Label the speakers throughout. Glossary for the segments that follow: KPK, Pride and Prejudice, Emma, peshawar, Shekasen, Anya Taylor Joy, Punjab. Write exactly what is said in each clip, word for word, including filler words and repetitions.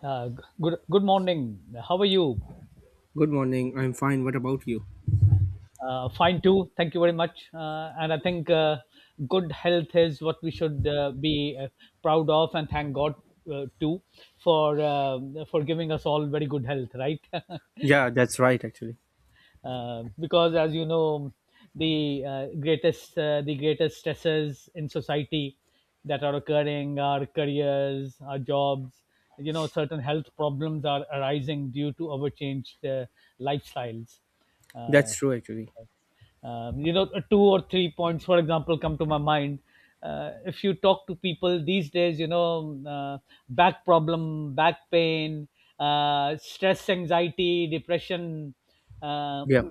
Speaker 1: Uh, good good morning. How are you?
Speaker 2: Good morning. I'm fine. What about you?
Speaker 1: Uh, fine too. Thank you very much. Uh, and I think uh, good health is what we should uh, be uh, proud of, and thank God uh, too for uh, for giving us all very good health. Right?
Speaker 2: Yeah, that's right, actually.
Speaker 1: Uh, because as you know the uh, greatest uh, the greatest stresses in society that are occurring are careers, our jobs. You know, certain health problems are arising due to our changed uh, lifestyles. uh,
Speaker 2: That's true, actually.
Speaker 1: um, you know, two or three points for example come to my mind. Uh, if you talk to people these days, you know, uh, back problem, back pain, uh, stress, anxiety, depression, uh,
Speaker 2: Yeah,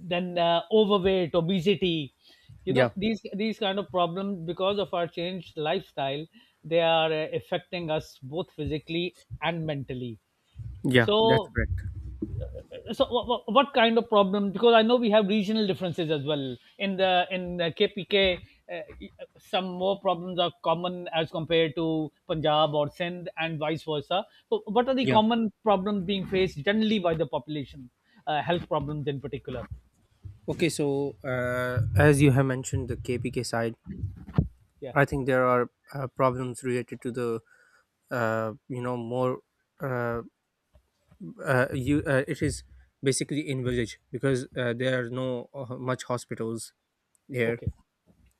Speaker 1: then uh, overweight, obesity. You
Speaker 2: yeah,
Speaker 1: know, these these kind of problems because of our changed lifestyle, they are uh, affecting us both physically and mentally.
Speaker 2: yeah, that's
Speaker 1: so
Speaker 2: correct.
Speaker 1: so what, what kind of problem, because I know we have regional differences as well in the in the KPK. uh, some more problems are common as compared to Punjab or Sindh and vice versa. So what are the
Speaker 2: Yeah.
Speaker 1: common problems being faced generally by the population? Uh, health problems in particular.
Speaker 2: Okay, so uh, as you have mentioned the K P K side,
Speaker 1: Yeah.
Speaker 2: I think there are uh, problems related to the, uh, you know, more, uh, uh, you, uh, it is basically in village because uh, there are no uh, much hospitals there.
Speaker 1: Okay.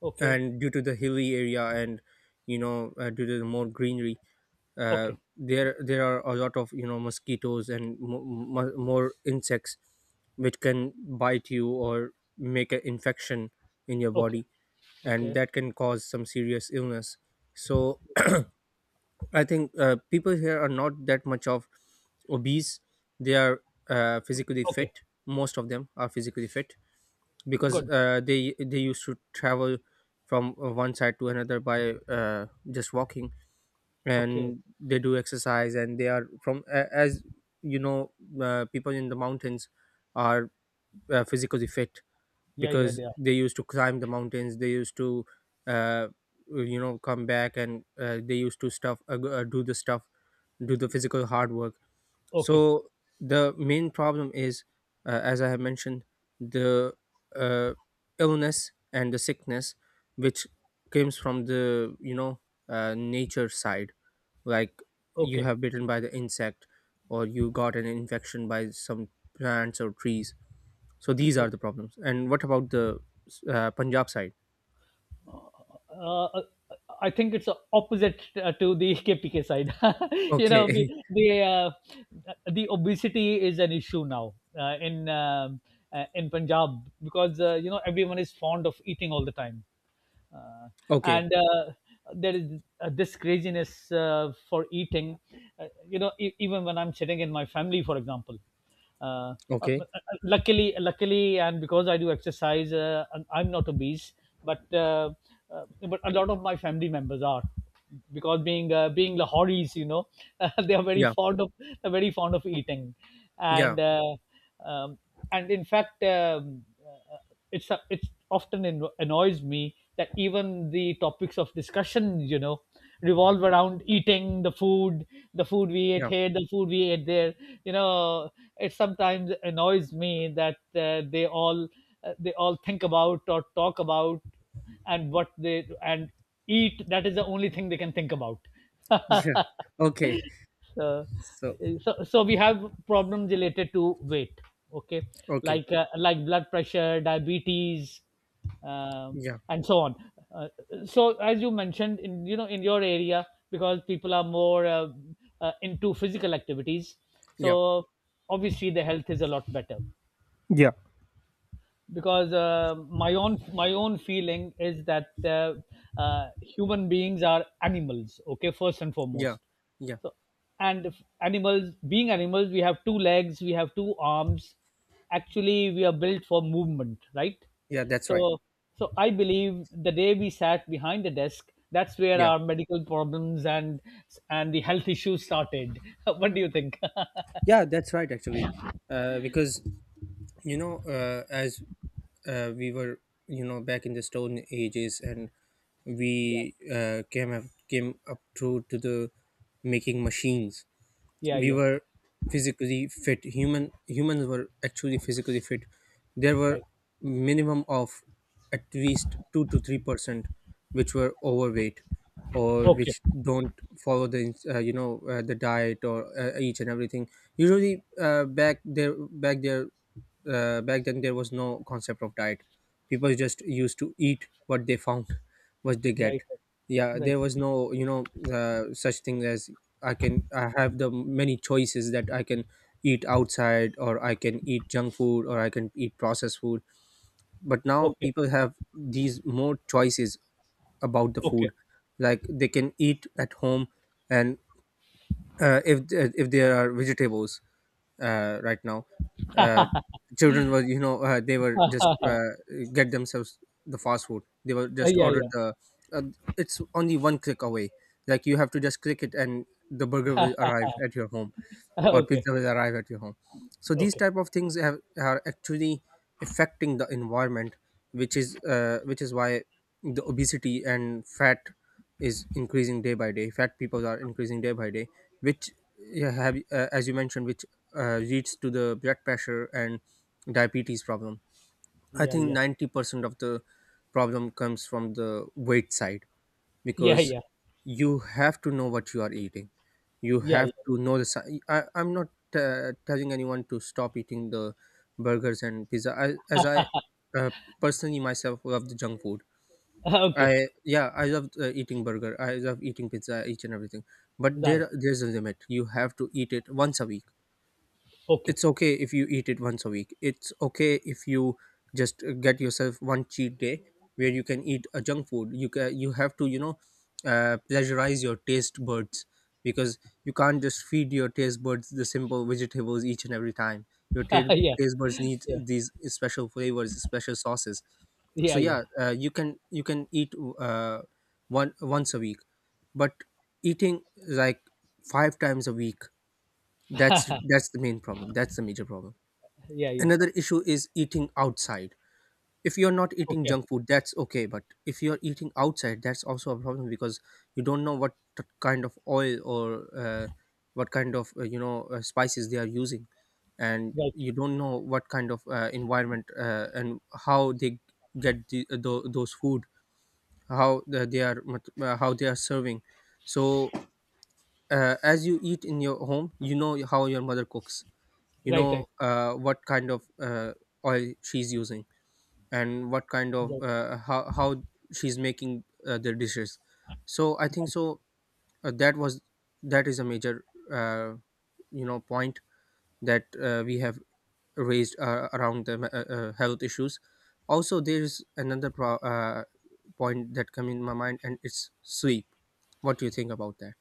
Speaker 1: Okay.
Speaker 2: And due to the hilly area and, you know, uh, due to the more greenery, uh,
Speaker 1: Okay.
Speaker 2: there there are a lot of you know mosquitoes and mo- mo- more insects which can bite you or make an infection in your
Speaker 1: Okay.
Speaker 2: body, and
Speaker 1: Okay.
Speaker 2: that can cause some serious illness. So I think uh, people here are not that much of obese. They are uh, physically
Speaker 1: Okay.
Speaker 2: fit. Most of them are physically fit because
Speaker 1: Good.
Speaker 2: uh, they they used to travel from uh, one side to another by uh, just walking,
Speaker 1: Okay. Okay.
Speaker 2: and they do exercise, and they are from a- as you know, uh, people in the mountains are uh, physically fit
Speaker 1: Yeah. Yeah.
Speaker 2: because
Speaker 1: They are.
Speaker 2: they used to climb the mountains. They used to uh, you know come back, and uh, they used to stuff uh, go- uh, do the stuff, do the physical hard work.
Speaker 1: Okay.
Speaker 2: So the main problem is, uh, as I have mentioned, the uh, illness and the sickness, which comes from the you know uh, nature side, like you
Speaker 1: Okay.
Speaker 2: have bitten by the insect, or you got an infection by some plants or trees. So these are
Speaker 1: Okay.
Speaker 2: the problems. And what about the uh, Punjab side?
Speaker 1: Uh, uh, I think it's uh, opposite uh, to the K P K side. You know, the
Speaker 2: Okay.
Speaker 1: the, uh, the obesity is an issue now uh, in um, uh, in Punjab because uh, you know, everyone is fond of eating all the time. uh,
Speaker 2: Okay,
Speaker 1: and uh, there is uh, this craziness uh, for eating. Uh, you know, e- even when I'm sitting in my family, for example. uh, uh, uh,
Speaker 2: okay.
Speaker 1: uh, luckily luckily, and because I do exercise uh, and I'm not obese, but uh, uh, but a lot of my family members are, because being uh, being Lahoris, you know, they are very
Speaker 2: Yeah,
Speaker 1: fond of they're very fond of eating.
Speaker 2: yeah,
Speaker 1: And uh, um, and in fact, um, uh, it's a, it's often anno- annoys me that even the topics of discussion, you know, revolve around eating the food, the food we ate
Speaker 2: yeah.
Speaker 1: here, the food we ate there, you know. It sometimes annoys me that uh, they all uh, they all think about or talk about, and what they and eat, that is the only thing they can think about.
Speaker 2: Yeah. Okay.
Speaker 1: uh,
Speaker 2: So
Speaker 1: so so we have problems related to weight. Okay,
Speaker 2: okay,
Speaker 1: like uh, like blood pressure, diabetes, um,
Speaker 2: yeah,
Speaker 1: and so on. uh, so as you mentioned in, you know, in your area, because people are more uh, uh, into physical activities,
Speaker 2: yeah,
Speaker 1: so obviously the health is a lot better.
Speaker 2: yeah.
Speaker 1: Because uh, my own my own feeling is that uh, uh, human beings are animals, okay, first and
Speaker 2: Yeah,
Speaker 1: foremost.
Speaker 2: yeah,
Speaker 1: So, and if animals being animals, we have two legs, we have two arms, actually we are built for movement, right?
Speaker 2: yeah. That's right.
Speaker 1: So so I believe the day we sat behind the desk, that's where
Speaker 2: Yeah,
Speaker 1: our medical problems and and the health issues started. What do you think?
Speaker 2: yeah. That's right. Actually, uh, because you know, uh, as uh, we were, you know, back in the Stone Ages, and
Speaker 1: Yeah,
Speaker 2: we uh, came up, came up through to the making machines.
Speaker 1: yeah.
Speaker 2: We
Speaker 1: Yeah,
Speaker 2: were physically fit. Human humans were actually physically fit. There were
Speaker 1: right.
Speaker 2: minimum of at least two to three percent which were overweight, or
Speaker 1: Okay.
Speaker 2: which don't follow the ins- uh, you know uh, the diet, or uh, each and everything. Usually uh, back there back there uh, back then there was no concept of diet. People just used to eat what they found, what they get.
Speaker 1: Right,
Speaker 2: Yeah,
Speaker 1: right.
Speaker 2: there was no you know uh, such thing as I can, I have the many choices that I can eat outside, or I can eat junk food, or I can eat processed food. But now
Speaker 1: Okay.
Speaker 2: people have these more choices about the
Speaker 1: Okay.
Speaker 2: food. Like they can eat at home, and uh, if th- if there are vegetables uh, right now, uh, children were you know uh, they were just uh, get themselves the fast food. They were
Speaker 1: Uh,
Speaker 2: just
Speaker 1: yeah, yeah.
Speaker 2: ordered the uh, it's only one click away. Like you have to just click it, and the burger will arrive at your home,
Speaker 1: Uh,
Speaker 2: or
Speaker 1: okay.
Speaker 2: pizza will arrive at your home. So these
Speaker 1: Okay.
Speaker 2: type of things have, are actually affecting the environment, which is uh, which is why the obesity and fat is increasing day by day. Fat people are increasing day by day, which yeah, have uh, as you mentioned, which uh, leads to the blood pressure and diabetes problem. I
Speaker 1: Yeah,
Speaker 2: think
Speaker 1: yeah.
Speaker 2: ninety percent of the problem comes from the weight side,
Speaker 1: Yeah,
Speaker 2: because
Speaker 1: yeah.
Speaker 2: you have to know what you are eating. You
Speaker 1: Yeah,
Speaker 2: have
Speaker 1: yeah.
Speaker 2: to know the si- I, I'm not uh, telling anyone to stop eating the burgers and pizza. I, as I uh, Personally myself love the junk food.
Speaker 1: Uh, okay.
Speaker 2: I yeah I love uh, eating burger, I love eating pizza, each and everything. But
Speaker 1: Done.
Speaker 2: there there's a limit. You have to eat it once a week.
Speaker 1: Okay.
Speaker 2: It's okay if you eat it once a week. It's okay if you just uh, get yourself one cheat day, where you can eat a junk food. You can you have to you know uh, pleasurize your taste buds, because you can't just feed your taste buds the simple vegetables each and every time. your
Speaker 1: Uh,
Speaker 2: ta-
Speaker 1: yeah.
Speaker 2: Taste buds need
Speaker 1: Yeah.
Speaker 2: these special flavors, special sauces. So
Speaker 1: Yeah, yeah.
Speaker 2: yeah, uh, you can you can eat uh, one once a week. But eating like five times a week, that's that's the main problem. That's the major problem.
Speaker 1: Yeah, yeah.
Speaker 2: Another issue is eating outside. If you're not eating
Speaker 1: Okay.
Speaker 2: junk food, that's okay. But if you're eating outside, that's also a problem, because you don't know what t- kind of oil, or uh, what kind of uh, you know uh, spices they are using, and
Speaker 1: Right.
Speaker 2: you don't know what kind of uh, environment uh, and how they get the, uh, tho- those food, how the- they are mat- uh, how they are serving. So uh, as you eat in your home, you know how your mother cooks. You
Speaker 1: Right,
Speaker 2: know
Speaker 1: right.
Speaker 2: uh, what kind of uh, oil she's using, and what kind of
Speaker 1: Right.
Speaker 2: uh, how, how she's making uh, the dishes. So I think so uh, that was that is a major uh, you know point that uh, we have raised uh, around the uh, uh, health issues. Also, there is another pro- uh, point that come in my mind, and it's sleep. What do you think about that?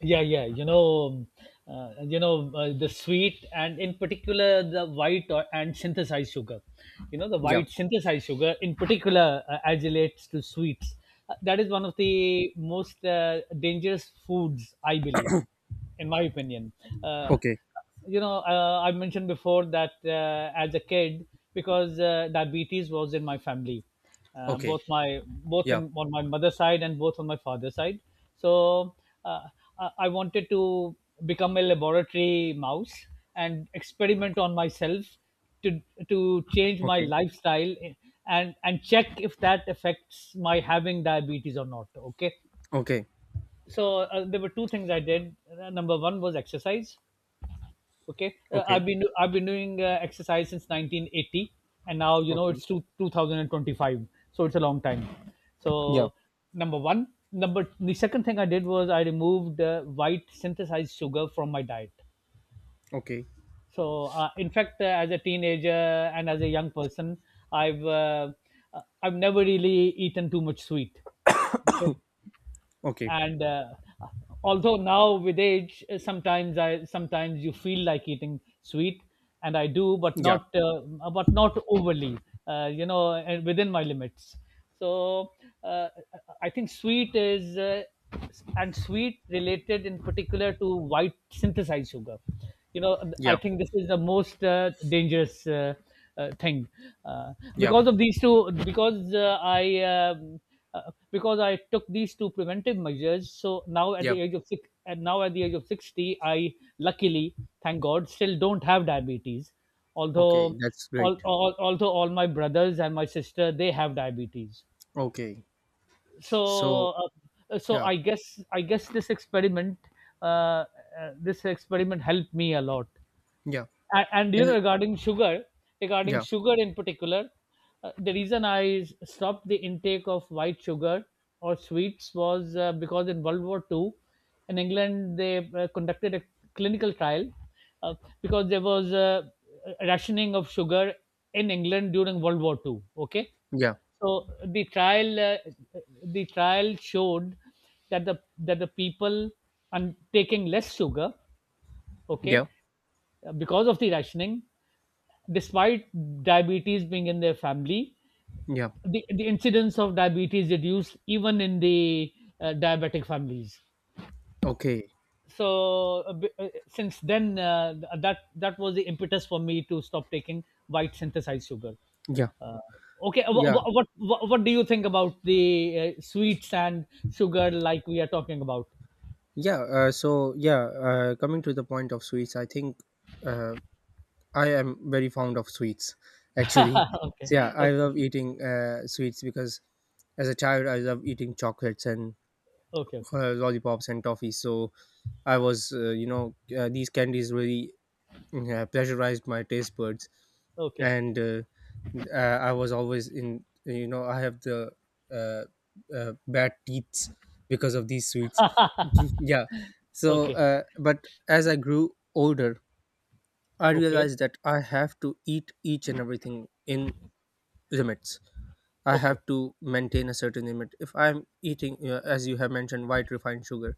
Speaker 1: Yeah, yeah. You know, um, uh, you know, uh, the sweet, and in particular the white or, and synthesized sugar. You know, the
Speaker 2: Yeah.
Speaker 1: white synthesized sugar in particular, uh, as relates to sweets. Uh, that is one of the most uh, dangerous foods, I believe, in my opinion. Uh,
Speaker 2: Okay.
Speaker 1: you know, uh, I mentioned before that uh, as a kid, because uh, diabetes was in my family, uh,
Speaker 2: Okay.
Speaker 1: both my both
Speaker 2: Yeah.
Speaker 1: in on my mother's side and both on my father's side. So uh, I, I wanted to become a laboratory mouse and experiment on myself to to change my
Speaker 2: Okay.
Speaker 1: lifestyle and and check if that affects my having diabetes or not. Okay.
Speaker 2: Okay.
Speaker 1: So uh, there were two things I did. Uh, Number one was exercise. Okay, uh,
Speaker 2: Okay.
Speaker 1: I've been I've been doing uh, exercise since nineteen eighty, and now you know
Speaker 2: Okay.
Speaker 1: it's two, two thousand twenty-five, so it's a long time.
Speaker 2: Yeah.
Speaker 1: So number one, number the second thing I did was I removed uh, white synthesized sugar from my diet.
Speaker 2: Okay.
Speaker 1: So, uh, in fact, uh, as a teenager and as a young person, I've uh, uh, I've never really eaten too much sweet. Okay.
Speaker 2: Okay.
Speaker 1: and uh, although now with age, uh, sometimes i sometimes you feel like eating sweet, and I do, but
Speaker 2: Yeah.
Speaker 1: not uh, but not overly, uh, you know, and within my limits. So uh, I think sweet is, uh, and sweet related in particular to white synthesized sugar, you know, I
Speaker 2: Yeah.
Speaker 1: think this is the most uh, dangerous uh, uh, thing, uh,
Speaker 2: Yeah.
Speaker 1: because of these two. Because uh, i um, uh, because I took these two preventive measures, so now at
Speaker 2: Yeah.
Speaker 1: the age of six and now at the age of sixty, I luckily, thank God, still don't have diabetes,
Speaker 2: Okay.
Speaker 1: although
Speaker 2: That's
Speaker 1: all,
Speaker 2: great.
Speaker 1: all, although all my brothers and my sister, they have diabetes.
Speaker 2: Okay. So
Speaker 1: So uh, so
Speaker 2: yeah.
Speaker 1: i guess i guess this experiment uh, uh, this experiment helped me a lot.
Speaker 2: Yeah.
Speaker 1: A- and you know,
Speaker 2: Yeah.
Speaker 1: regarding sugar regarding
Speaker 2: Yeah.
Speaker 1: sugar in particular, uh, the reason I s- stopped the intake of white sugar or sweets was uh, because in World War Two in England they uh, conducted a clinical trial, uh, because there was uh, a rationing of sugar in England during World War Two. Okay.
Speaker 2: Yeah.
Speaker 1: So the trial uh, the trial showed that the that the people and taking less sugar, okay,
Speaker 2: Yeah.
Speaker 1: because of the rationing, despite diabetes being in their family,
Speaker 2: Yeah.
Speaker 1: the, the incidence of diabetes reduced even in the uh, diabetic families.
Speaker 2: Okay.
Speaker 1: So uh, b- uh, since then, uh, that that was the impetus for me to stop taking white synthesized sugar.
Speaker 2: Yeah.
Speaker 1: Uh, okay, what,
Speaker 2: Yeah.
Speaker 1: what what what do you think about the uh, sweets and sugar like we are talking about?
Speaker 2: Yeah. Uh, so yeah. Uh, coming to the point of sweets, I think uh, I am very fond of sweets. Actually,
Speaker 1: Okay,
Speaker 2: so, yeah, I
Speaker 1: okay,
Speaker 2: love eating uh, sweets, because as a child I love eating chocolates and
Speaker 1: okay, okay,
Speaker 2: uh, lollipops and toffee. So I was, uh, you know, uh, these candies really yeah, pleasurized my taste buds,
Speaker 1: okay,
Speaker 2: and uh, uh, I was always in you know I have the uh, uh, bad teeth because of these sweets. Yeah. So,
Speaker 1: okay,
Speaker 2: uh, but as I grew older, I
Speaker 1: okay,
Speaker 2: realized that I have to eat each and everything in limits. I
Speaker 1: okay.
Speaker 2: have to maintain a certain limit. If I'm eating, uh, as you have mentioned, white refined sugar,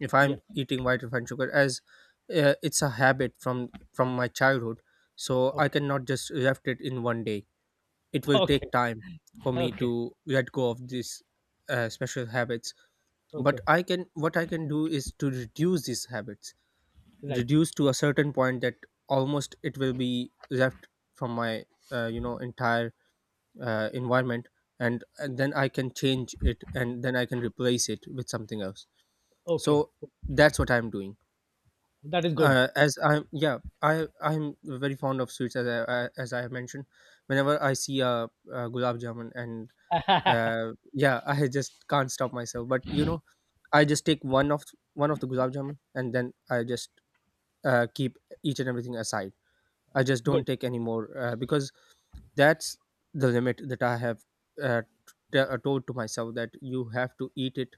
Speaker 2: if
Speaker 1: Yeah.
Speaker 2: I'm eating white refined sugar as uh, it's a habit from from my childhood, so I
Speaker 1: Okay.
Speaker 2: cannot just left it in one day. It will take
Speaker 1: Okay.
Speaker 2: time for me
Speaker 1: Okay.
Speaker 2: to let go of these uh, special habits. But
Speaker 1: Okay.
Speaker 2: I can what I can do is to reduce these habits,
Speaker 1: Right.
Speaker 2: reduce to a certain point that almost it will be left from my uh, you know entire uh, environment, and, and then I can change it, and then I can replace it with something else.
Speaker 1: Okay.
Speaker 2: So that's what I'm doing.
Speaker 1: That is good.
Speaker 2: Uh, as I'm yeah I I'm very fond of sweets, as I, I as I have mentioned. Whenever I see a, a gulab jamun and uh, yeah, I just can't stop myself. But you know, I just take one of one of the gulab jamun, and then I just uh, keep each and everything aside. I just don't
Speaker 1: Good.
Speaker 2: take any more uh, because that's the limit that I have uh, t- uh, told to myself, that you have to eat it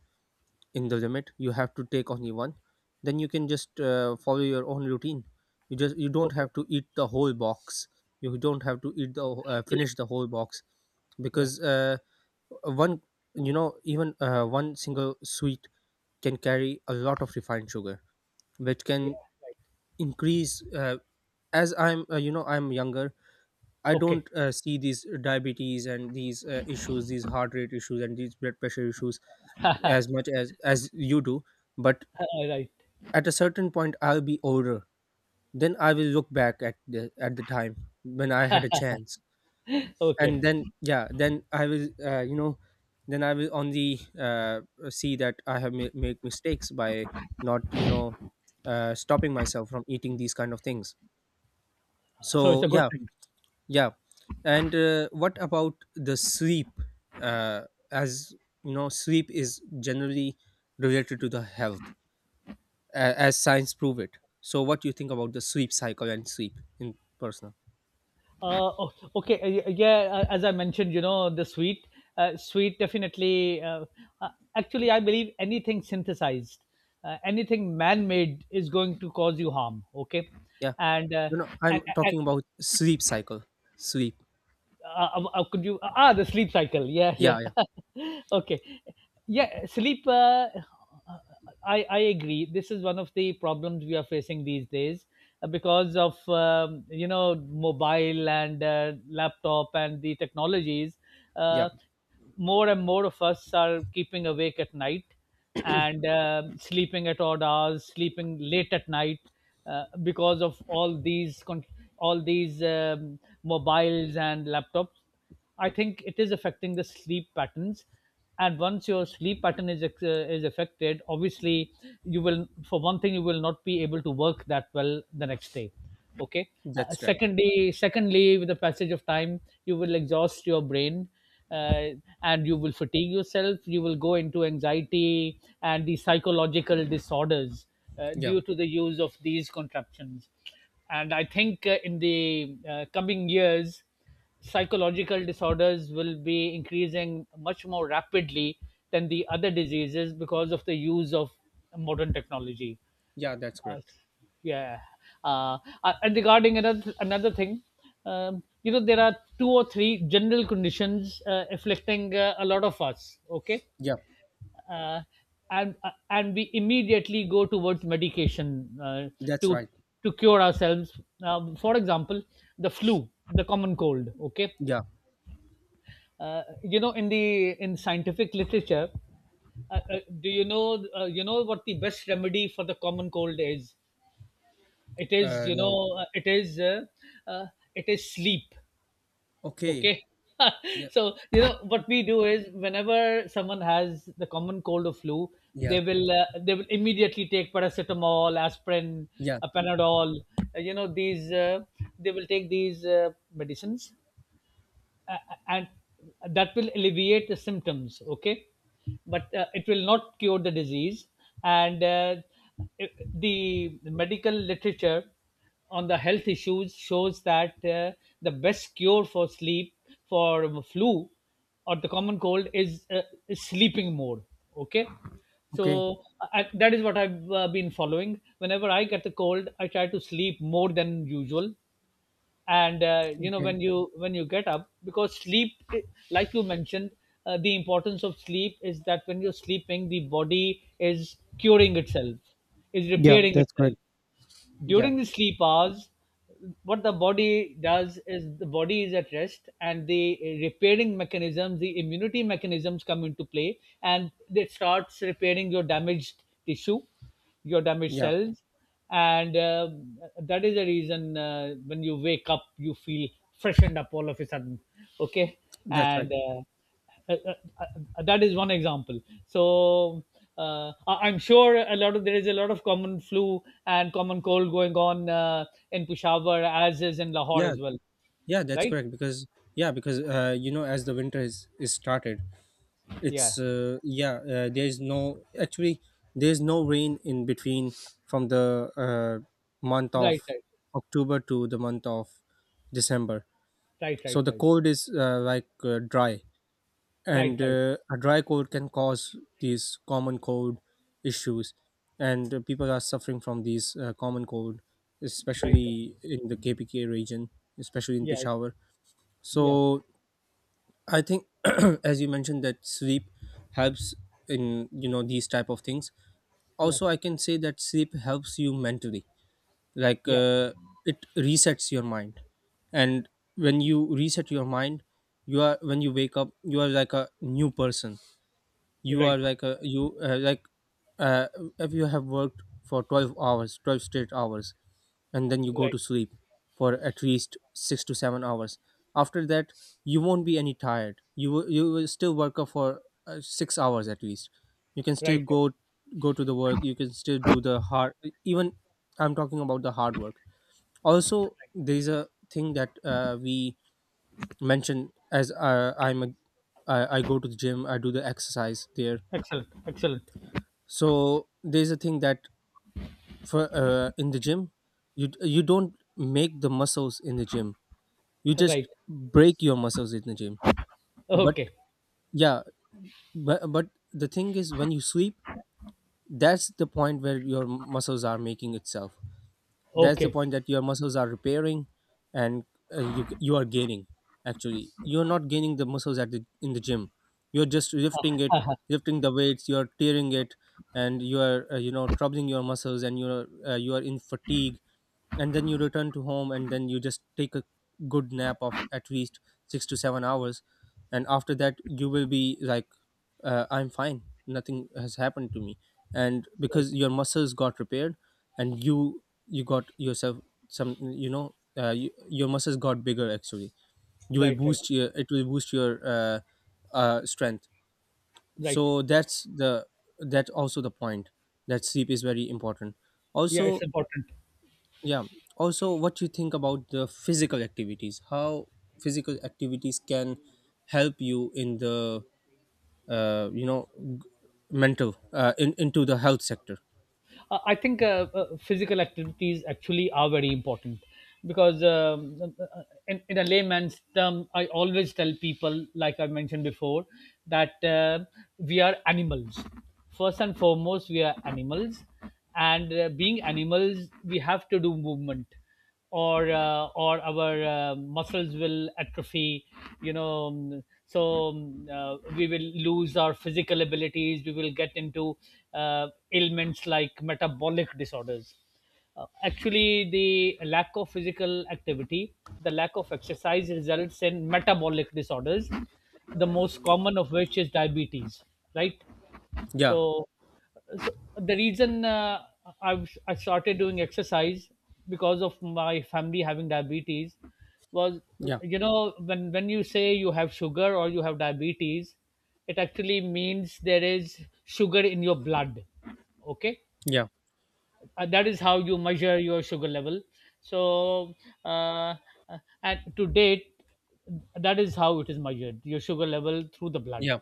Speaker 2: in the limit. You have to take only one, then you can just uh, follow your own routine. You just you don't
Speaker 1: Okay.
Speaker 2: have to eat the whole box. You don't have to eat the uh,
Speaker 1: Yeah.
Speaker 2: finish the whole box,
Speaker 1: Yeah.
Speaker 2: because uh, one you know even uh, one single sweet can carry a lot of refined sugar, which
Speaker 1: Yeah.
Speaker 2: can
Speaker 1: Right.
Speaker 2: increase uh, as I'm uh, you know I'm younger. I
Speaker 1: Okay.
Speaker 2: don't uh, see these diabetes and these uh, issues, these heart rate issues and these blood pressure issues as much as as you do. But
Speaker 1: Right.
Speaker 2: at a certain point, I'll be older. Then I will look back at the at the time when I had a chance,
Speaker 1: Okay.
Speaker 2: and then yeah, then I will uh, you know, then I will only uh, see that I have ma- make mistakes by not you know, uh, stopping myself from eating these kind of things.
Speaker 1: So it's
Speaker 2: So
Speaker 1: a good
Speaker 2: yeah,
Speaker 1: thing.
Speaker 2: yeah. And uh, what about the sleep? Uh, as you know, sleep is generally related to the health. A- as science prove it, so what do you think about the sweep cycle and sweep in personal?
Speaker 1: Uh, o- okay. uh, Yeah. uh, As I mentioned, you know, the sweet, uh, sweet definitely. Uh, uh, Actually, I believe anything synthesized, uh, anything man-made is going to cause you harm. Okay.
Speaker 2: Yeah,
Speaker 1: And, uh,
Speaker 2: you know,
Speaker 1: and
Speaker 2: I'm
Speaker 1: and
Speaker 2: talking about sweep cycle, sweep.
Speaker 1: uh, um, uh, could you uh, ah The sleep cycle. Yeah, yeah.
Speaker 2: Yeah. Yeah.
Speaker 1: Okay. Yeah. Sleep. uh, uh, i i agree, this is one of the problems we are facing these days, uh, because of, um, you know, mobile and uh, laptop and the technologies.
Speaker 2: Yeah,
Speaker 1: uh, More and more of us are keeping awake at night and, um sleeping at odd hours, sleeping late at night, uh, because of all these con- all these um, mobiles and laptops. I think it is affecting the sleep patterns, and once your sleep pattern is ex- uh, is affected, obviously you will, for one thing, you will not be able to work that well the next day. Okay. Uh,
Speaker 2: that's right.
Speaker 1: secondly secondly, with the passage of time, you will exhaust your brain, uh, and you will fatigue yourself, you will go into anxiety and the psychological disorders uh,
Speaker 2: Yeah.
Speaker 1: due to the use of these contraptions. And I think uh, in the uh, coming years, psychological disorders will be increasing much more rapidly than the other diseases because of the use of modern technology.
Speaker 2: Yeah, that's
Speaker 1: uh,
Speaker 2: correct.
Speaker 1: yeah. Uh, uh, and regarding another another thing, um, you know, there are two or three general conditions uh, afflicting uh, a lot of us. Okay.
Speaker 2: Yeah,
Speaker 1: Uh, and uh, and we immediately go towards medication uh,
Speaker 2: that's
Speaker 1: to
Speaker 2: right.
Speaker 1: to cure ourselves. Now, for example, the flu, the common cold. Okay.
Speaker 2: Yeah.
Speaker 1: Uh, you know, in the in scientific literature, uh, uh, do you know, uh, you know what the best remedy for the common cold is? It is
Speaker 2: Uh
Speaker 1: you
Speaker 2: no.
Speaker 1: know uh, it is uh, uh, it is sleep.
Speaker 2: Okay.
Speaker 1: Okay.
Speaker 2: Yeah.
Speaker 1: So you know what we do is whenever someone has the common cold or flu,
Speaker 2: Yeah.
Speaker 1: they will uh, they will immediately take paracetamol, aspirin,
Speaker 2: Yeah.
Speaker 1: uh, panadol, uh, you know these uh, they will take these uh, medicines, uh, and that will alleviate the symptoms. Okay, but uh, it will not cure the disease. And uh, it- the medical literature on the health issues shows that uh, the best cure for sleep, for flu or the common cold is, uh, is sleeping more. Okay.
Speaker 2: Okay.
Speaker 1: So I, that is what i've uh, been following. Whenever I get a cold, I try to sleep more than usual. And uh, you know,
Speaker 2: Okay.
Speaker 1: when you when you get up, because sleep, like you mentioned, uh, the importance of sleep is that when you're sleeping, the body is curing itself, is
Speaker 2: Yeah,
Speaker 1: repairing
Speaker 2: that's correct.
Speaker 1: itself.
Speaker 2: Yeah.
Speaker 1: During the sleep hours, what the body does is the body is at rest and the repairing mechanisms, the immunity mechanisms come into play, and it starts repairing your damaged tissue, your damaged
Speaker 2: Yeah,
Speaker 1: cells. And uh, that is the reason uh, when you wake up, you feel freshened up all of a sudden. Okay.
Speaker 2: that's right.
Speaker 1: and uh, uh, uh, uh, that is one example. So uh, I- I'm sure a lot of, there is a lot of common flu and common cold going on uh, in peshawar as is in lahore
Speaker 2: Yeah.
Speaker 1: as well.
Speaker 2: Yeah, that's
Speaker 1: Right.
Speaker 2: correct, because yeah, because uh you know as the winter is is started,
Speaker 1: Yeah.
Speaker 2: it's uh, yeah uh, there's no actually there's no rain in between, from the uh, month
Speaker 1: right,
Speaker 2: of
Speaker 1: right,
Speaker 2: October to the month of December.
Speaker 1: right,
Speaker 2: So
Speaker 1: right,
Speaker 2: the
Speaker 1: right,
Speaker 2: cold is uh, like uh, dry,
Speaker 1: right,
Speaker 2: and
Speaker 1: right,
Speaker 2: uh, a dry cold can cause these common cold issues, and uh, people are suffering from these uh, common cold,
Speaker 1: right.
Speaker 2: especially in the KPK region, especially in
Speaker 1: Yeah,
Speaker 2: Peshawar.
Speaker 1: yeah,
Speaker 2: So I think, as you mentioned, that sleep helps in you know these type of things.
Speaker 1: yeah,
Speaker 2: Also, I can say that sleep helps you mentally. Like
Speaker 1: yeah.
Speaker 2: uh, it resets your mind, and when you reset your mind, you are when you wake up, you are like a new person. You are
Speaker 1: Right,
Speaker 2: like a, you uh, like uh, if you have worked for twelve hours, twelve straight hours, and then you
Speaker 1: right,
Speaker 2: go
Speaker 1: right,
Speaker 2: to sleep for at least six to seven hours. After that you won't be any tired. You will, you will still work up for uh, six hours at least. you can still
Speaker 1: right.
Speaker 2: go go to the work, you can still do the hard, even i'm talking about the hard work. Also there's a thing that uh, we mentioned, as uh, i'm a I, I go to the gym, I do the exercise there.
Speaker 1: Excellent, excellent.
Speaker 2: So there's a thing that for uh, in the gym, you you don't make the muscles in the gym, you just
Speaker 1: Right.
Speaker 2: break your muscles in the gym. But
Speaker 1: Okay.
Speaker 2: yeah, but, but the thing is when you sweep, that's the point where your muscles are making itself, that's the
Speaker 1: Okay.
Speaker 2: point that your muscles are repairing. And uh, you you are gaining. Actually you're not gaining the muscles at the in the gym, you're just lifting it,
Speaker 1: Uh,
Speaker 2: lifting the weights, you're tearing it. And you are uh, you know, troubling your muscles, and you're uh, you are in fatigue. And then you return to home, and then you just take a good nap of at least six to seven hours, and after that you will be like, uh, i'm fine, nothing has happened to me. And because
Speaker 1: right,
Speaker 2: your muscles got repaired, and you you got yourself some, you know, uh, you, your muscles got bigger actually. You will
Speaker 1: right, right,
Speaker 2: boost your it will boost your uh, uh, strength.
Speaker 1: right.
Speaker 2: So that's the, that's also the point that sleep is very important
Speaker 1: Yeah, it's
Speaker 2: also.
Speaker 1: important.
Speaker 2: Yeah, also what you think about the physical activities? How physical activities can help you in the, uh, you know, g- mental, uh, in, into the health sector?
Speaker 1: Uh, I think, uh, uh, physical activities actually are very important because, um, uh, uh, in, in a layman's term, I always tell people, like I mentioned before, that uh, we are animals. First and foremost, we are animals, and uh, being animals, we have to do movement, or uh, or our uh, muscles will atrophy, you know. Um, so um, uh, we will lose our physical abilities, we will get into uh, ailments like metabolic disorders. Uh, actually, the lack of physical activity, the lack of exercise results in metabolic disorders, the most common of which is diabetes. Right.
Speaker 2: Yeah,
Speaker 1: So, so the reason uh, I've, I started doing exercise because of my family having diabetes was,
Speaker 2: yeah,
Speaker 1: you know, when, when you say you have sugar or you have diabetes, it actually means there is sugar in your blood. Okay.
Speaker 2: yeah,
Speaker 1: Uh, that is how you measure your sugar level. So, uh, uh, and to date, that is how it is measured, your sugar level, through the blood.
Speaker 2: yeah,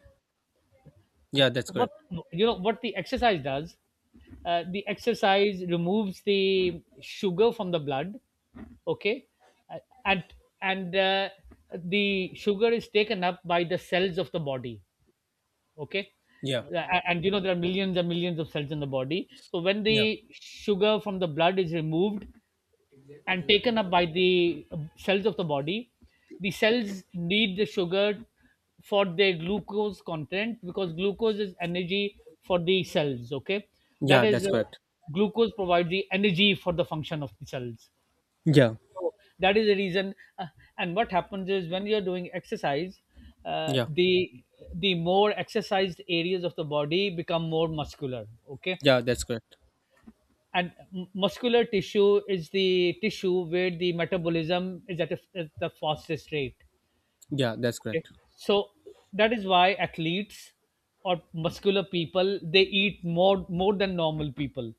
Speaker 2: yeah, that's
Speaker 1: What,
Speaker 2: correct.
Speaker 1: you know what the exercise does, uh, the exercise removes the sugar from the blood. Okay. Uh, and and uh, the sugar is taken up by the cells of the body. Okay.
Speaker 2: Yeah,
Speaker 1: Uh, and and, you know, there are millions and millions of cells in the body, so when the
Speaker 2: yeah,
Speaker 1: sugar from the blood is removed and taken up by the uh, cells of the body, the cells need the sugar for their glucose content, because glucose is energy for the cells. Okay, that
Speaker 2: yeah,
Speaker 1: is,
Speaker 2: that's
Speaker 1: uh,
Speaker 2: correct.
Speaker 1: glucose provides the energy for the function of the cells.
Speaker 2: Yeah,
Speaker 1: So that is the reason. Uh, and what happens is when you are doing exercise, uh,
Speaker 2: yeah,
Speaker 1: the the more exercised areas of the body become more muscular. Okay,
Speaker 2: yeah, that's correct.
Speaker 1: and m- muscular tissue is the tissue where the metabolism is at, a, at the fastest rate.
Speaker 2: Yeah, that's
Speaker 1: Okay,
Speaker 2: correct.
Speaker 1: so that is why athletes or muscular people, they eat more, more than normal people,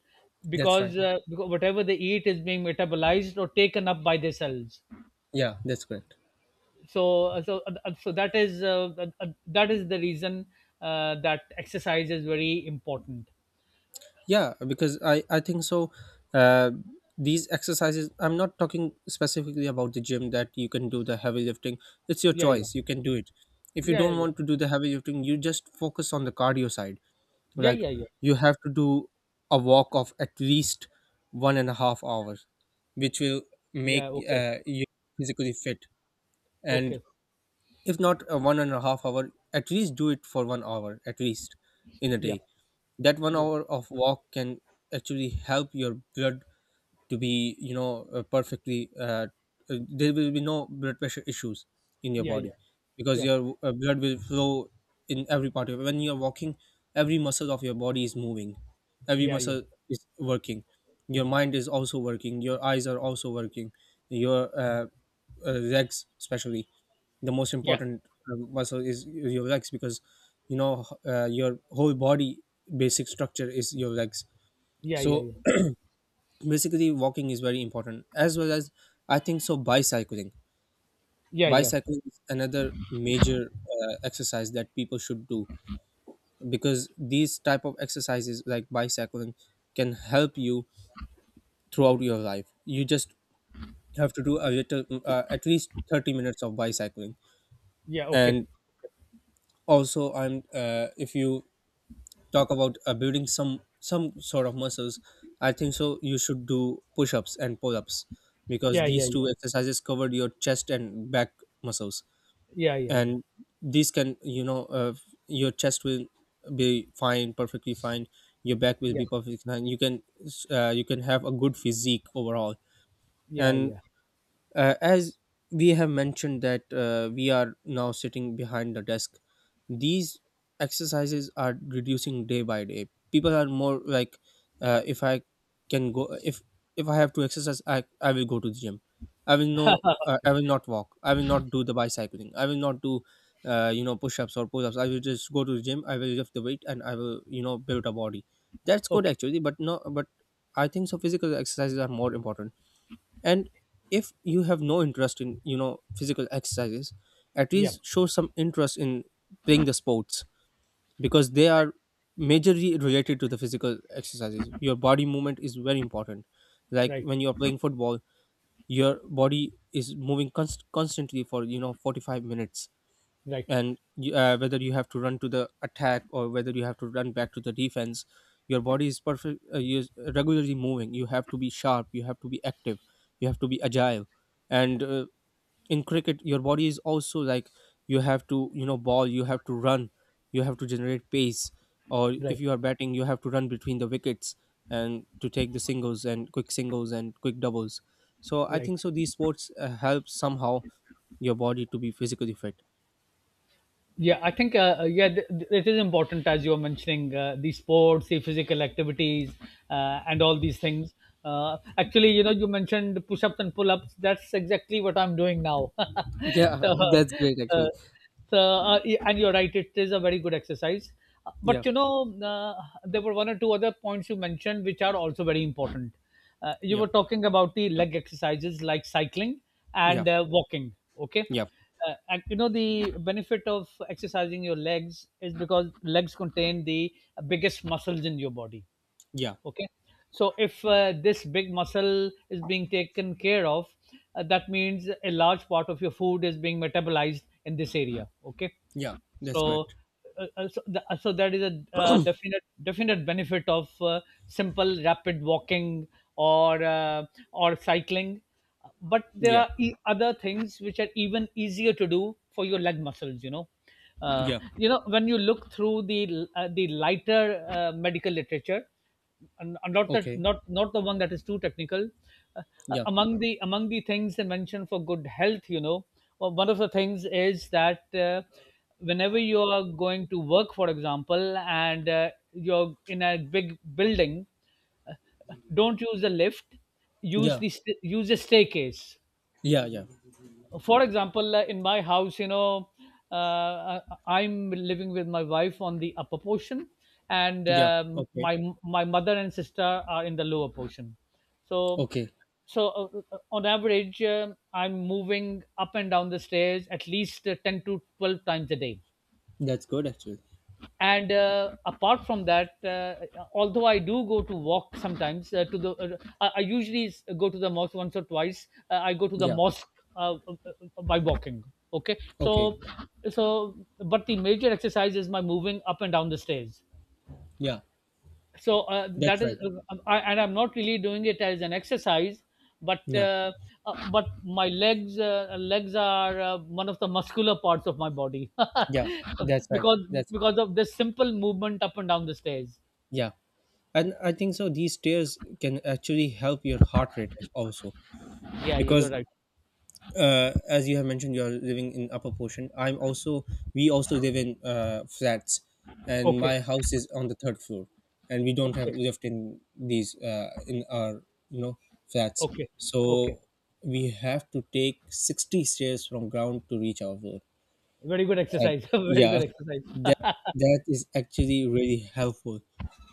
Speaker 2: That's right.
Speaker 1: because, uh, because whatever they eat is being metabolized or taken up by their cells.
Speaker 2: Yeah, that's correct.
Speaker 1: So uh, so uh, uh, so that is uh, uh, uh, that is the reason uh, that exercise is very important.
Speaker 2: Yeah, because i i think so. uh, these exercises, I'm not talking specifically about the gym that you can do the heavy lifting. It's your
Speaker 1: Yeah, yeah,
Speaker 2: choice, you can do it. If you
Speaker 1: yeah,
Speaker 2: don't
Speaker 1: yeah, yeah,
Speaker 2: want to do the heavy lifting, you just focus on the cardio side.
Speaker 1: yeah,
Speaker 2: Like,
Speaker 1: yeah, yeah,
Speaker 2: you have to do a walk of at least one and a half hours, which will
Speaker 1: yeah.
Speaker 2: make
Speaker 1: Okay,
Speaker 2: uh, you physically fit.
Speaker 1: okay.
Speaker 2: And if not a one and a half hour, at least do it for one hour at least in a
Speaker 1: Yeah,
Speaker 2: day. That one
Speaker 1: yeah,
Speaker 2: hour of walk can actually help your blood to be, you know, uh, perfectly uh, uh, there will be no blood pressure issues in your
Speaker 1: yeah,
Speaker 2: body,
Speaker 1: yeah,
Speaker 2: because your uh, blood will flow in every part of, when you're walking, every muscle of your body is moving, every
Speaker 1: yeah, yeah,
Speaker 2: muscle is working, your mind is also working, your eyes are also working, your uh, uh, legs especially, the most important uh, muscle is your legs, because you know, uh, your whole body basic structure is your legs.
Speaker 1: yeah, yeah,
Speaker 2: So
Speaker 1: yeah,
Speaker 2: basically walking is very important, as well as, I think so, bicycling.
Speaker 1: yeah, yeah, yeah, yeah,
Speaker 2: Bicycling is another major uh, exercise that people should do, because these type of exercises like bicycling can help you throughout your life. You just have to do a little, uh, at least thirty minutes of bicycling.
Speaker 1: yeah. Okay.
Speaker 2: And also I'm uh, if you talk about uh, building some some sort of muscles, I think so you should do push-ups and pull-ups, because
Speaker 1: Yeah, yeah,
Speaker 2: these two
Speaker 1: yeah,
Speaker 2: exercises cover your chest and back muscles.
Speaker 1: yeah, yeah, yeah,
Speaker 2: And these can, you know, uh, your chest will be fine, perfectly fine, your back will
Speaker 1: yeah,
Speaker 2: be perfectly fine, you can uh, you can have a good physique overall.
Speaker 1: yeah,
Speaker 2: And
Speaker 1: yeah.
Speaker 2: uh, as we have mentioned that uh, we are now sitting behind the desk, these exercises are reducing day by day, people are more like, uh, if I can go if if I have to exercise, i i will go to the gym, I will no, uh, I will not walk, I will not do the bicycling, I will not do uh, you know, push-ups or pull-ups, I will just go to the gym, I will lift the weight and I will, you know, build a body. That's good
Speaker 1: Okay.
Speaker 2: actually, but no, but I think so physical exercises are more important. And if you have no interest in, you know, physical exercises, at
Speaker 1: Yeah.
Speaker 2: least show some interest in playing the sports, because they are majorly related to the physical exercises. Your body movement is very important. Like
Speaker 1: Right,
Speaker 2: when you are playing football, your body is moving const- constantly for, you know, forty-five minutes.
Speaker 1: right,
Speaker 2: And you, uh, whether you have to run to the attack or whether you have to run back to the defense, your body is perfect, uh, you're regularly moving, you have to be sharp, you have to be active, you have to be agile. And uh, in cricket your body is also like, you have to, you know, ball, you have to run, you have to generate pace. Or
Speaker 1: right,
Speaker 2: if you are batting, you have to run between the wickets and to take the singles and quick singles and quick doubles. So I
Speaker 1: right.
Speaker 2: think so these sports uh, help somehow your body to be physically fit.
Speaker 1: Yeah, I think, uh, uh, yeah, th- th- it is important, as you are mentioning, uh, the sports, the physical activities, uh, and all these things. Uh, actually, you know, you mentioned push-ups and pull-ups. That's exactly what I'm doing now.
Speaker 2: Yeah,
Speaker 1: So,
Speaker 2: that's great
Speaker 1: uh,
Speaker 2: actually.
Speaker 1: so uh, y- and you're right, it is a very good exercise.
Speaker 2: Yeah,
Speaker 1: But you know, uh, there were one or two other points you mentioned which are also very important. Uh, you
Speaker 2: yeah,
Speaker 1: were talking about the leg exercises, like cycling
Speaker 2: yeah,
Speaker 1: and uh, walking. Okay.
Speaker 2: yeah,
Speaker 1: Uh, and you know the benefit of exercising your legs is because legs contain the biggest muscles in your body.
Speaker 2: yeah,
Speaker 1: Okay, so if uh, this big muscle is being taken care of, uh, that means a large part of your food is being metabolized in this area. Okay.
Speaker 2: yeah. That's
Speaker 1: so
Speaker 2: correct.
Speaker 1: uh, uh, so, th- uh, so that is a uh, definite definite benefit of uh, simple rapid walking or uh, or cycling. But there
Speaker 2: Yeah,
Speaker 1: are e- other things which are even easier to do for your leg muscles, you know. Uh,
Speaker 2: yeah.
Speaker 1: you know, when you look through the uh, the lighter uh, medical literature, and not that,
Speaker 2: Okay.
Speaker 1: not not the one that is too technical. Uh, uh,
Speaker 2: Yeah,
Speaker 1: Among the, among the things they mentioned for good health, you know, o- one of the things is that uh, whenever you are going to work, for example, and uh, you're in a big building, don't use the lift, use
Speaker 2: yeah,
Speaker 1: the st- use a staircase.
Speaker 2: yeah, yeah,
Speaker 1: For example, uh, in my house, you know, uh, I- I'm living with my wife on the upper portion, and
Speaker 2: yeah.
Speaker 1: um,
Speaker 2: Okay,
Speaker 1: my my mother and sister are in the lower portion. So,
Speaker 2: okay.
Speaker 1: so uh, uh, on average, um I'm moving up and down the stairs at least uh, ten to twelve times a day.
Speaker 2: That's good actually.
Speaker 1: And uh, apart from that, uh, although I do go to walk sometimes uh, to the uh, I I usually s- go to the mosque. Once or twice uh, I go to the
Speaker 2: Yeah.
Speaker 1: mosque uh, uh, uh, by walking. Okay. So,
Speaker 2: Okay.
Speaker 1: so, but the major exercise is my moving up and down the stairs.
Speaker 2: Yeah.
Speaker 1: So uh,
Speaker 2: That's
Speaker 1: that is,
Speaker 2: right.
Speaker 1: uh, I, and I'm not really doing it as an exercise, but
Speaker 2: Yeah.
Speaker 1: uh, uh, but my legs, uh, legs are uh, one of the muscular parts of my body
Speaker 2: Yeah. That's right.
Speaker 1: because
Speaker 2: That's right.
Speaker 1: because of this simple movement up and down the stairs.
Speaker 2: Yeah. And I think so, these stairs can actually help your heart rate also,
Speaker 1: Yeah, you- you're
Speaker 2: because
Speaker 1: right.
Speaker 2: uh, as you have mentioned, you are living in upper portion. I'm also, we also live in uh, flats, and
Speaker 1: Okay,
Speaker 2: my house is on the third floor, and we don't have
Speaker 1: okay,
Speaker 2: lift in these uh, in our, you know, flats.
Speaker 1: okay, okay.
Speaker 2: So we have to take sixty stairs from ground to reach our floor.
Speaker 1: Very good
Speaker 2: At
Speaker 1: exercise very
Speaker 2: yeah,
Speaker 1: good
Speaker 2: that,
Speaker 1: exercise.
Speaker 2: that is actually really helpful,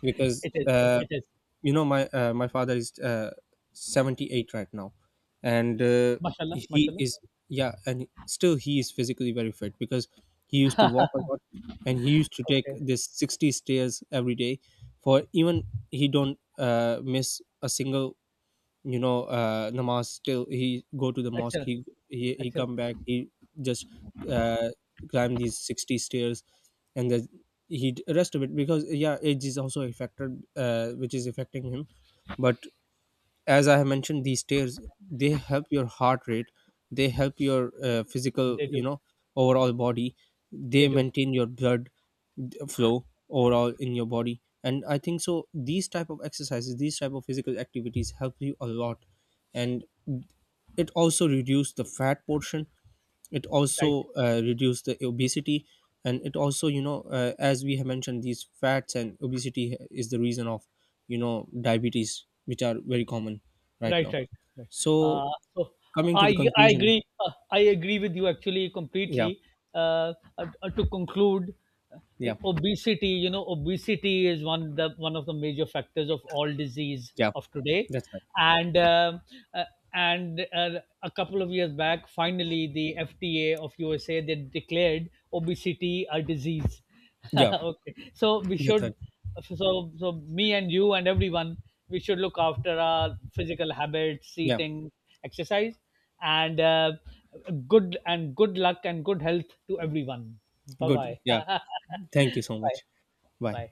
Speaker 2: because
Speaker 1: It is,
Speaker 2: uh,
Speaker 1: it is.
Speaker 2: you know, my uh, my father is uh, seventy-eight right now, and uh,
Speaker 1: Mashallah,
Speaker 2: he
Speaker 1: mashallah.
Speaker 2: is, yeah, and still he is physically very fit, because he used to walk a lot, and he used to take
Speaker 1: Okay.
Speaker 2: this sixty stairs every day. For even he don't uh, miss a single, you know, uh, namaz, still he go to the mosque,
Speaker 1: Excellent,
Speaker 2: he he, he
Speaker 1: excellent.
Speaker 2: come back, he just uh, climb these sixty stairs, and the, he rest of it, because yeah, age is also a factor uh, which is affecting him. But as I have mentioned, these stairs, they help your heart rate, they help your uh, physical,
Speaker 1: They
Speaker 2: you
Speaker 1: do,
Speaker 2: know, overall body. They
Speaker 1: they do.
Speaker 2: maintain your blood flow overall in your body, and I think so, these type of exercises, these type of physical activities help you a lot. And it also reduced the fat portion, it
Speaker 1: Right.
Speaker 2: also uh, reduced the obesity, and it also, you know, uh, as we have mentioned, these fats and obesity is the reason of, you know, diabetes, which are very common right
Speaker 1: Right,
Speaker 2: now.
Speaker 1: right, right.
Speaker 2: So,
Speaker 1: Uh, so
Speaker 2: coming to the
Speaker 1: I I
Speaker 2: conclusion,
Speaker 1: agree. Uh, I agree with you actually
Speaker 2: yeah,
Speaker 1: completely. Uh, uh, uh, to conclude, uh,
Speaker 2: yeah,
Speaker 1: obesity. You know, obesity is one the one of the major factors of all disease
Speaker 2: yeah,
Speaker 1: of today,
Speaker 2: that's right.
Speaker 1: and um uh, and uh, a couple of years back, finally, the F D A of U S A, they declared obesity a disease.
Speaker 2: Yeah,
Speaker 1: Okay, so we
Speaker 2: that's
Speaker 1: should,
Speaker 2: right.
Speaker 1: so so so me and you and everyone, we should look after our physical habits,
Speaker 2: Yeah,
Speaker 1: eating, exercise, and uh, good, and good luck and good health to everyone. Bye
Speaker 2: good,
Speaker 1: bye.
Speaker 2: yeah, thank you so
Speaker 1: Bye
Speaker 2: much. Bye.
Speaker 1: bye.